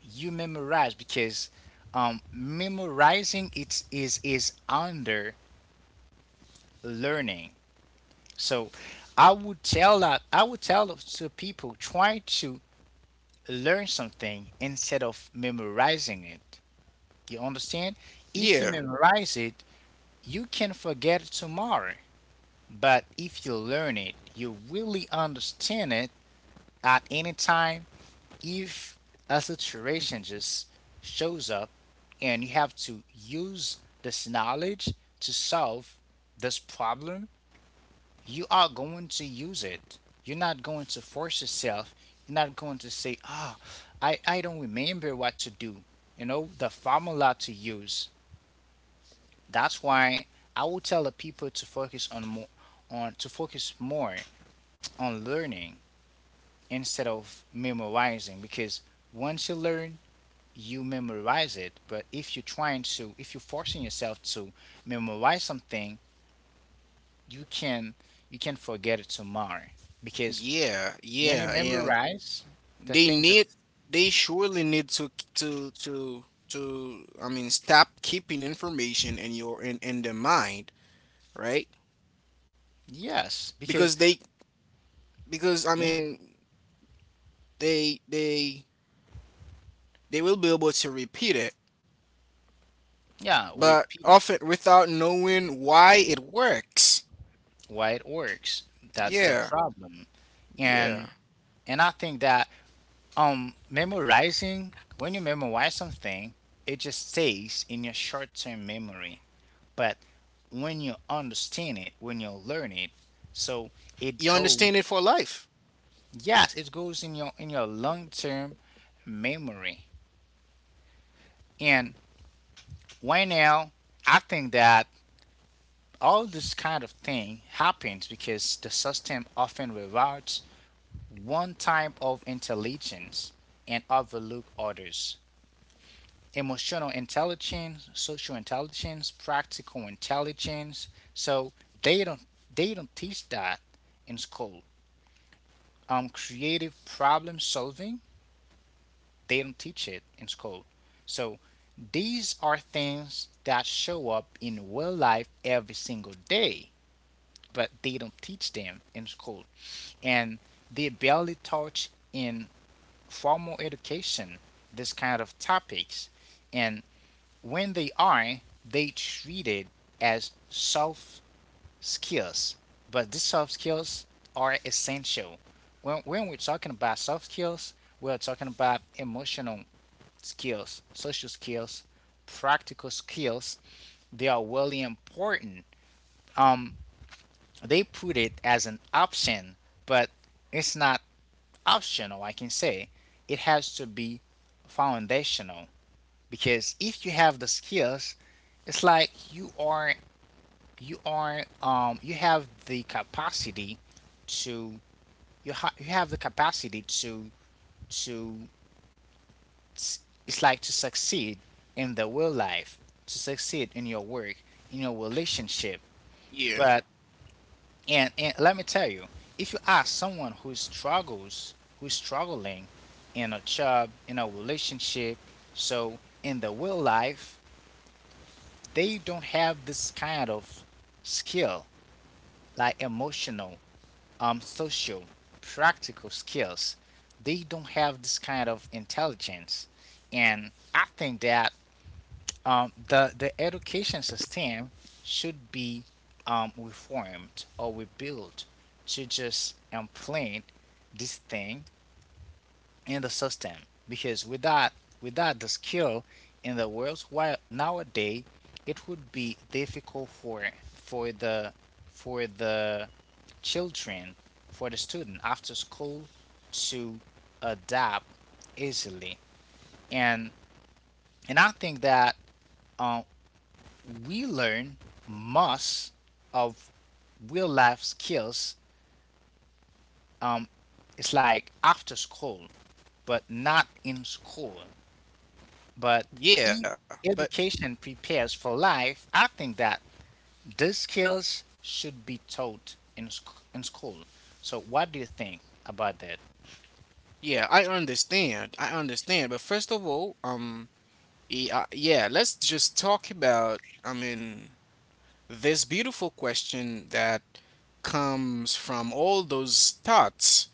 [SPEAKER 1] you memorize, because memorizing it is under learning. So I would tell that I would tell of- to people, try to learn something instead of memorizing it. You understand? If you
[SPEAKER 2] Yeah.
[SPEAKER 1] memorize it, you can forget it tomorrow. But if you learn it, you really understand it. At any time, if a situation just shows up and you have to use this knowledge to solve this problem, you are going to use it. You're not going to force yourself. You're not going to say, ah, oh, I don't remember what to do. The formula to use. That's why I will tell the people to focus on more on to focus more on learning instead of memorizing, because once you learn you memorize it. But if you're trying to if you're forcing yourself to memorize something, you can you can forget it tomorrow. Because
[SPEAKER 2] Yeah,
[SPEAKER 1] when you
[SPEAKER 2] yeah, and
[SPEAKER 1] memorize, the
[SPEAKER 2] they
[SPEAKER 1] thing
[SPEAKER 2] need
[SPEAKER 1] just.
[SPEAKER 2] they surely need to I mean stop keeping information in your in their mind, right?
[SPEAKER 1] Yes, because
[SPEAKER 2] Because they because I
[SPEAKER 1] when.
[SPEAKER 2] mean they they will be able to repeat it,
[SPEAKER 1] Yeah,
[SPEAKER 2] but
[SPEAKER 1] repeat.
[SPEAKER 2] often without knowing why it works.
[SPEAKER 1] Why it works. That's the
[SPEAKER 2] Yeah.
[SPEAKER 1] problem.
[SPEAKER 2] Yeah.
[SPEAKER 1] And and I think that memorizing when you memorize something, it just stays in your short term memory. But when you understand it, when you learn it, so it
[SPEAKER 2] You understand
[SPEAKER 1] goes.
[SPEAKER 2] it for life.
[SPEAKER 1] Yes, it goes in your long term memory. And right now I think that all this kind of thing happens because the system often rewards one type of intelligence and overlook others. Emotional intelligence, social intelligence, practical intelligence. So they don't they don't teach that in school. Creative problem solving, they don't teach it in school. So these are things that show up in real life every single day, but they don't teach them in school. And they barely touch in formal education this kind of topics, and when they are, they treated as soft skills. But these soft skills are essential. When we're talking about soft skills, we're talking about emotional skills, social skills, practical skills. They are really important. um they put it as an option, but it's not optional, I can say. It has to be foundational, because if you have the skills, it's like you have the capacity to you ha- you have the capacity to it's like to succeed in the real life, to succeed in your work, in your relationship.
[SPEAKER 2] Yeah.
[SPEAKER 1] But. And let me tell you, if you ask someone who struggles, who's struggling in a job, in a relationship, so in the real life, they don't have this kind of skill, like emotional, social, practical skills. They don't have this kind of intelligence. And I think that, the education system should be, reformed or rebuilt, to just implant this thing in the system. Because without the skill in the world while nowadays, it would be difficult for the for the children for the student after school to adapt easily. And and I think that, um, we learn most of real life skills is like after school, but not in school. But if
[SPEAKER 2] Yeah. But
[SPEAKER 1] education prepares for life, I think that these skills should be taught in school. So, what do you think about that?
[SPEAKER 2] yeah, I understand. I understand. But first of all, yeah, yeah, let's just talk about, I mean, this beautiful question that comes from all those thoughts.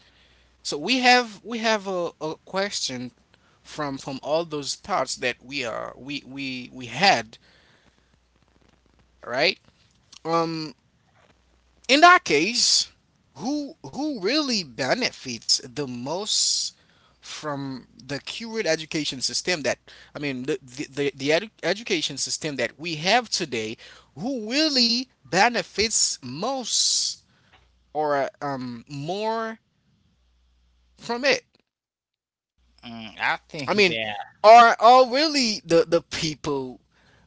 [SPEAKER 2] So we have a question from all those thoughts that we are we had, right? Um, In that case, who really benefits the most from the current education system that I mean education system that we have today, who really benefits most or more from it?
[SPEAKER 1] Mm, I
[SPEAKER 2] I
[SPEAKER 1] think
[SPEAKER 2] mean,
[SPEAKER 1] that
[SPEAKER 2] are really the people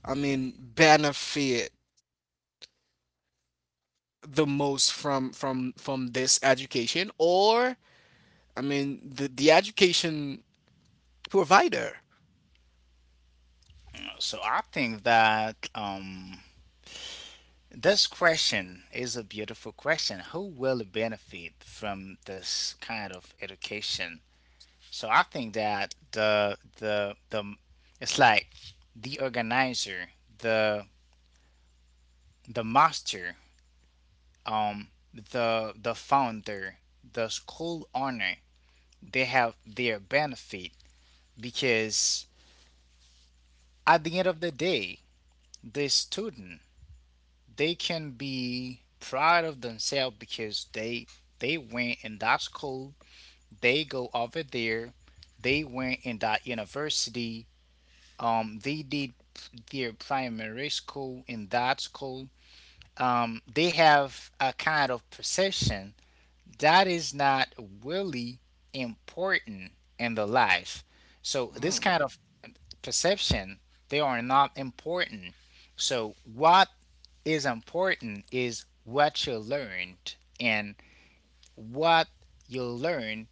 [SPEAKER 2] I mean benefit the most from this education or I mean the education provider.
[SPEAKER 1] so I think that, this question is a beautiful question. Who will benefit from this kind of education? So I think that the it's like the organizer, the the master, the founder, the school owner, they have their benefit. Because at the end of the day, the student, they can be proud of themselves because they went in that school, they go over there, they went in that university, they did their primary school in that school. They have a kind of perception that is not really important in the life. So this
[SPEAKER 2] Mm,
[SPEAKER 1] kind of perception, they are not important. So what is important is what you learned, and what you learn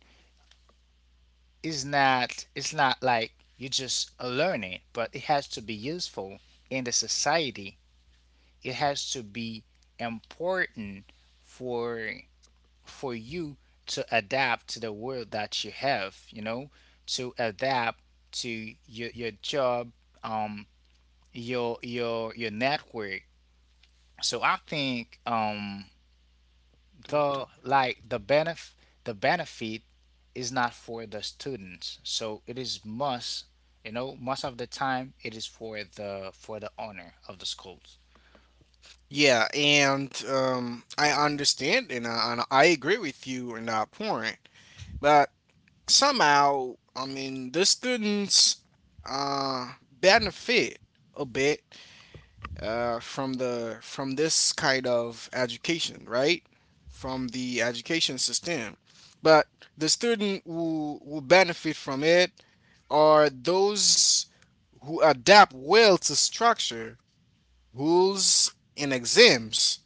[SPEAKER 1] is not it's not like you just learn it, but it has to be useful in the society. It has to be important for you to adapt to the world that you have, to adapt to your job, um your your network. So I think,
[SPEAKER 2] dude.
[SPEAKER 1] the like the benef the benefit is not for the students. So it is must, most of the time it is for the owner of the schools.
[SPEAKER 2] Yeah, and I understand and and I agree with you in that point, but somehow, I mean, the students uh, benefit a bit from the from this kind of education, right? From the education system, but the student who benefit from it are those who adapt well to structure rules and exams.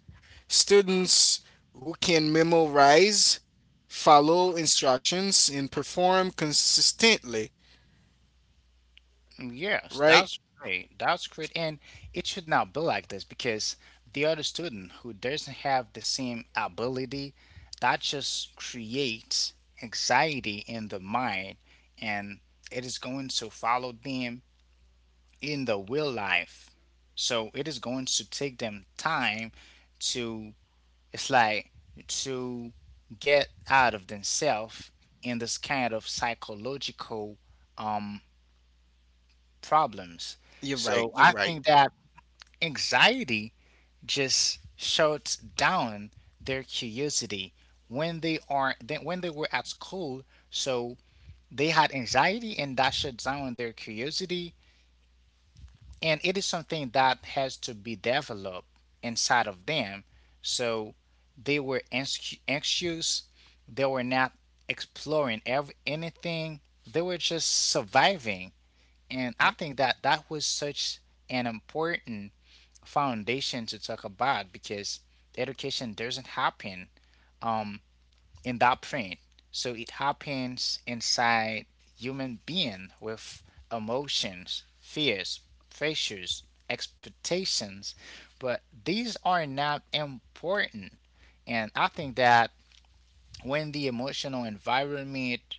[SPEAKER 2] Students who can memorize, follow instructions, and perform consistently,
[SPEAKER 1] Mm, yes,
[SPEAKER 2] right?
[SPEAKER 1] that's great, that's great. And it should not be like this, because the other student who doesn't have the same ability, that just creates anxiety in the mind, and it is going to follow them in the real life. So it is going to take them time to, it's like to get out of themselves in this kind of psychological, um problems.
[SPEAKER 2] You're right,
[SPEAKER 1] So
[SPEAKER 2] you're
[SPEAKER 1] I
[SPEAKER 2] right.
[SPEAKER 1] think that anxiety just shuts down their curiosity when they are, then when they were at school. So they had anxiety, and that shut down their curiosity, and it is something that has to be developed inside of them. So they were anxious, they were not exploring anything, they were just surviving. And I
[SPEAKER 2] Hmm?
[SPEAKER 1] think that that was such an important foundation to talk about, because education doesn't happen, um in that print. So it happens inside human being with emotions, fears, pressures, expectations, but these are not important. And I think that when the emotional environment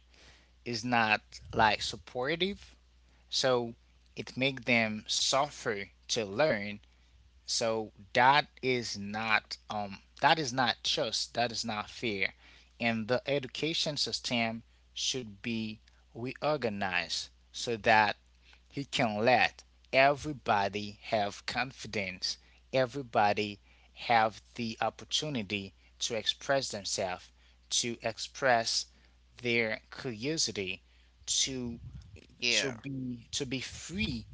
[SPEAKER 1] is not like supportive, so it makes them suffer to learn. So that is not fair. And the education system should be reorganized, so that he can let everybody have confidence, everybody have the opportunity to express themselves, to express their curiosity, to
[SPEAKER 2] Yeah.
[SPEAKER 1] to be free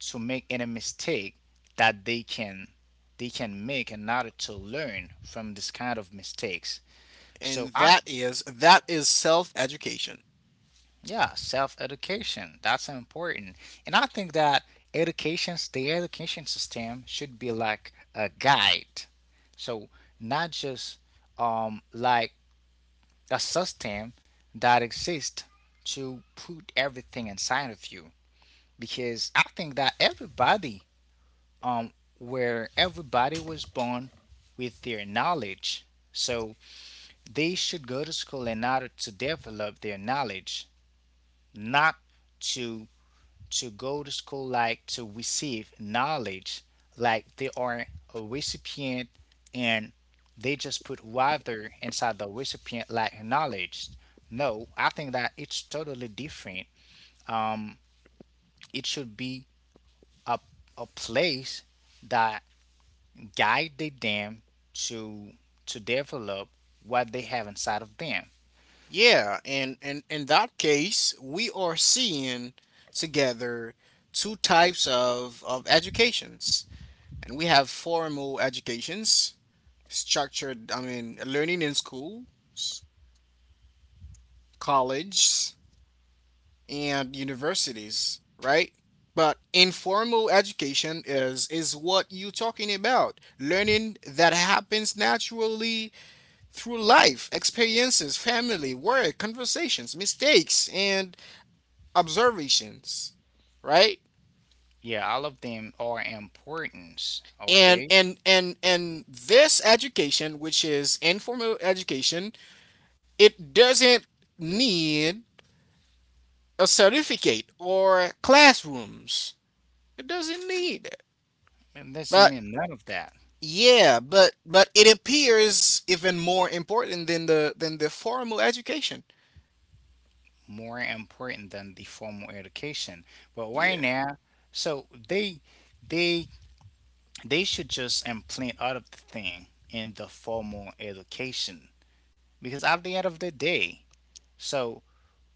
[SPEAKER 1] to make any mistake that they can make, in order to learn from this kind of mistakes.
[SPEAKER 2] And
[SPEAKER 1] So I
[SPEAKER 2] that is self-education.
[SPEAKER 1] Yeah, self education. That's important. And I think that education the education system should be like a guide. So not just, like a system that exists to put everything inside of you. Because I think that um, everybody was born with their knowledge. So they should go to school in order to develop their knowledge, not to to go to school like to receive knowledge, like they are a recipient and they just put water inside the recipient like knowledge. No, I think that it's totally different. It should be a, a place that guided them to to develop what they have inside of them.
[SPEAKER 2] Yeah, and in that case, we are seeing together two types of educations. And we have formal educations, structured, I mean, learning in schools, colleges, and universities, right? But informal education is what you're talking about. Learning that happens naturally through life, experiences, family, work, conversations, mistakes, and observations, right?
[SPEAKER 1] Yeah, all of them are important.
[SPEAKER 2] And
[SPEAKER 1] Okay,
[SPEAKER 2] and and and this education, which is informal education, it doesn't need a certificate or classrooms. It doesn't need.
[SPEAKER 1] and doesn't
[SPEAKER 2] But
[SPEAKER 1] mean none of that
[SPEAKER 2] yeah, but it appears even more important than the formal education.
[SPEAKER 1] more important than the formal education. But right
[SPEAKER 2] Yeah.
[SPEAKER 1] now, so they they should just implant all of the thing in the formal education because at the end of the day, so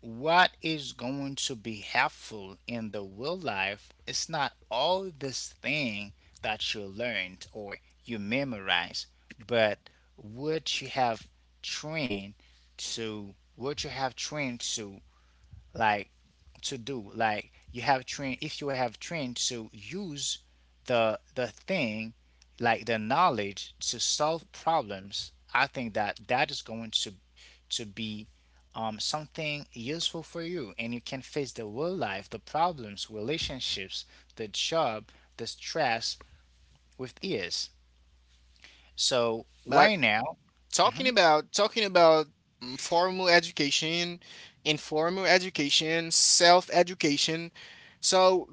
[SPEAKER 1] what is going to be helpful in the real life is not all this thing that you learned or you memorized, but what you have trained what you have trained to, like to do. Like you have trained, if you have trained to use the thing, like the knowledge to solve problems, I think that that is going to be something useful for you, and you can face the real life, the problems, relationships, the job, the stress with ease. So
[SPEAKER 2] But
[SPEAKER 1] why now?
[SPEAKER 2] talking
[SPEAKER 1] hmm
[SPEAKER 2] about talking about mm, formal education, informal education, self-education. So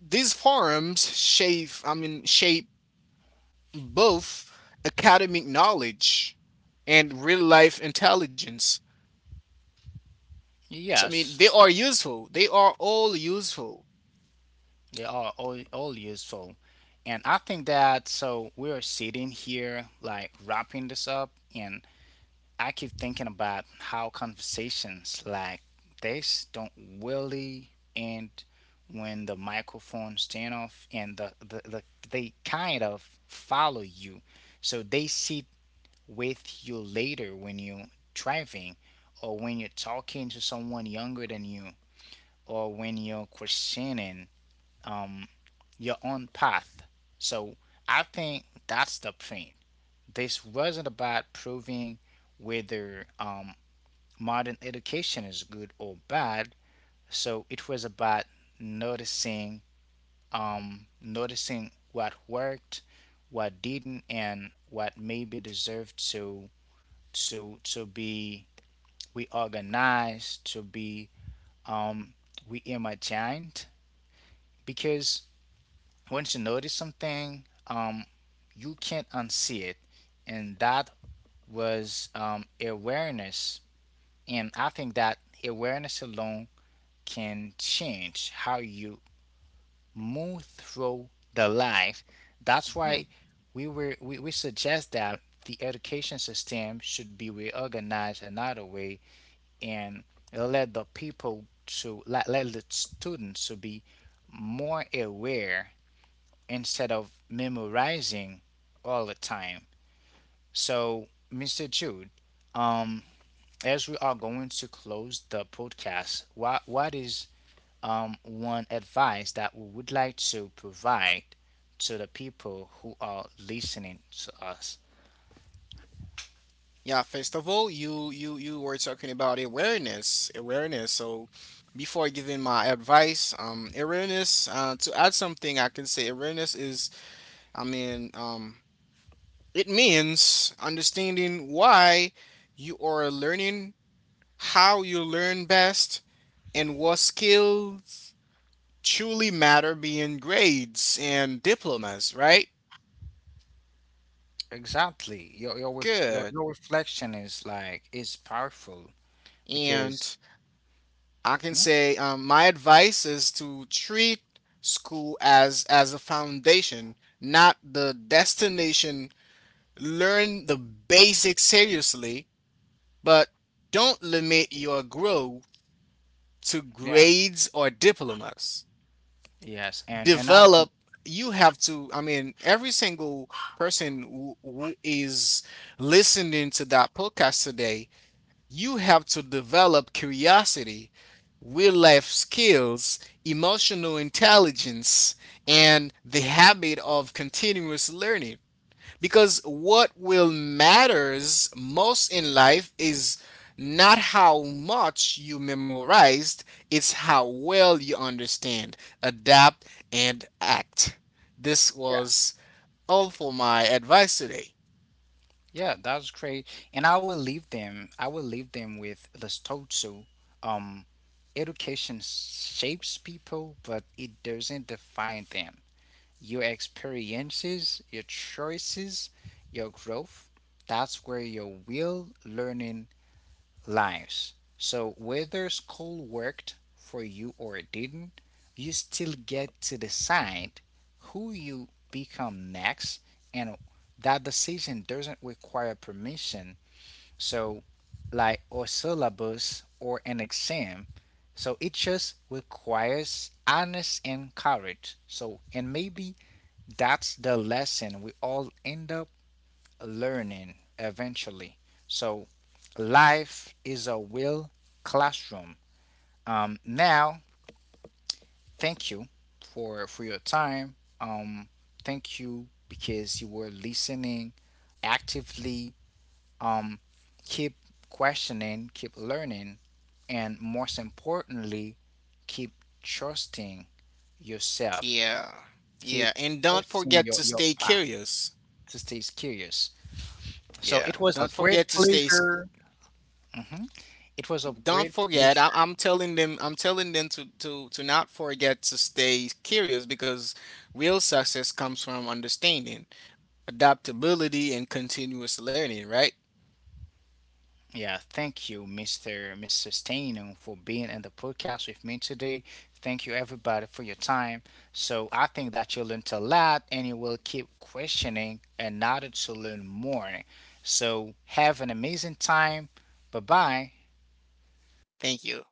[SPEAKER 2] these forums shape I mean shape both academic knowledge and real life intelligence. So I mean
[SPEAKER 1] Yes.
[SPEAKER 2] they are useful. They are all useful.
[SPEAKER 1] They are all useful. And I think that so we're sitting here like wrapping this up and I keep thinking about how conversations like this don't really end when the microphone stand off and they kind of follow you. So they sit with you later when you're driving or when you're talking to someone younger than you or when you're questioning um, your own path. So I think that's the point. This wasn't about proving whether modern education is good or bad. So it was about noticing, noticing what worked, what didn't, and what maybe deserved to be reorganized, to be um, reimagined. Because once you notice something, you can't unsee it, and that was awareness. And I think that awareness alone can change how you move through the life. That's
[SPEAKER 2] Hmm.
[SPEAKER 1] why we suggest that the education system should be reorganized another way and let the people to let the students to be more aware instead of memorizing all the time. So, Mr. Jude, um, as we are going to close the podcast, what is one advice that we would like to provide to the people who are listening to us?
[SPEAKER 2] Yeah, first of all, you were talking about awareness, awareness. So before giving my advice, awareness, to add something, I can say awareness is, I mean, it means understanding why you are learning, how you learn best, and what skills truly matter beyond grades and diplomas, right?
[SPEAKER 1] Exactly. Your your ref- your,
[SPEAKER 2] Good.
[SPEAKER 1] your reflection is like is powerful because
[SPEAKER 2] And. I can
[SPEAKER 1] mhm.
[SPEAKER 2] say my advice is to treat school as a foundation, not the destination. Learn the basics seriously, but don't limit your growth to
[SPEAKER 1] Yeah.
[SPEAKER 2] grades or diplomas.
[SPEAKER 1] Yes, and another.
[SPEAKER 2] Develop. You have to. I mean, every single person who is listening to that podcast today, you have to develop curiosity real life skills, emotional intelligence, and the habit of continuous learning. Because what will matters most in life is not how much you memorized, it's how well you understand, adapt, and act. This was all for my advice today.
[SPEAKER 1] Yeah, that's great. And I will leave them. I will leave them with the Stotsu. Um, Education shapes people, but it doesn't define them. Your experiences, your choices, your growth. That's where your real learning lives. So whether school worked for you or it didn't, you still get to decide who you become next and that decision doesn't require permission. So like or syllabus or an exam. So it just requires honesty and courage. So and maybe that's the lesson we all end up learning eventually. So life is a real classroom. Now, thank you for your time. Thank you because you were listening actively. Um, Keep questioning, keep learning, and most importantly, keep trusting yourself.
[SPEAKER 2] Yeah. Yeah,
[SPEAKER 1] Keep
[SPEAKER 2] and don't forget
[SPEAKER 1] trusting
[SPEAKER 2] to
[SPEAKER 1] your
[SPEAKER 2] stay
[SPEAKER 1] path
[SPEAKER 2] curious.
[SPEAKER 1] to stay curious. So
[SPEAKER 2] Yeah,
[SPEAKER 1] it was a
[SPEAKER 2] don't
[SPEAKER 1] great
[SPEAKER 2] forget to stay
[SPEAKER 1] pleasure. Mhm. It was of
[SPEAKER 2] Don't
[SPEAKER 1] great
[SPEAKER 2] forget,
[SPEAKER 1] pleasure.
[SPEAKER 2] I'm telling them to not forget to stay curious because real success comes from understanding, adaptability, and continuous learning, right?
[SPEAKER 1] Yeah, thank you, Mr. Stainham, for being in the podcast with me today. Thank you, everybody, for your time. So I think that you learned a lot, and you will keep questioning in order to learn more. So have an amazing time. Bye bye.
[SPEAKER 2] Thank you.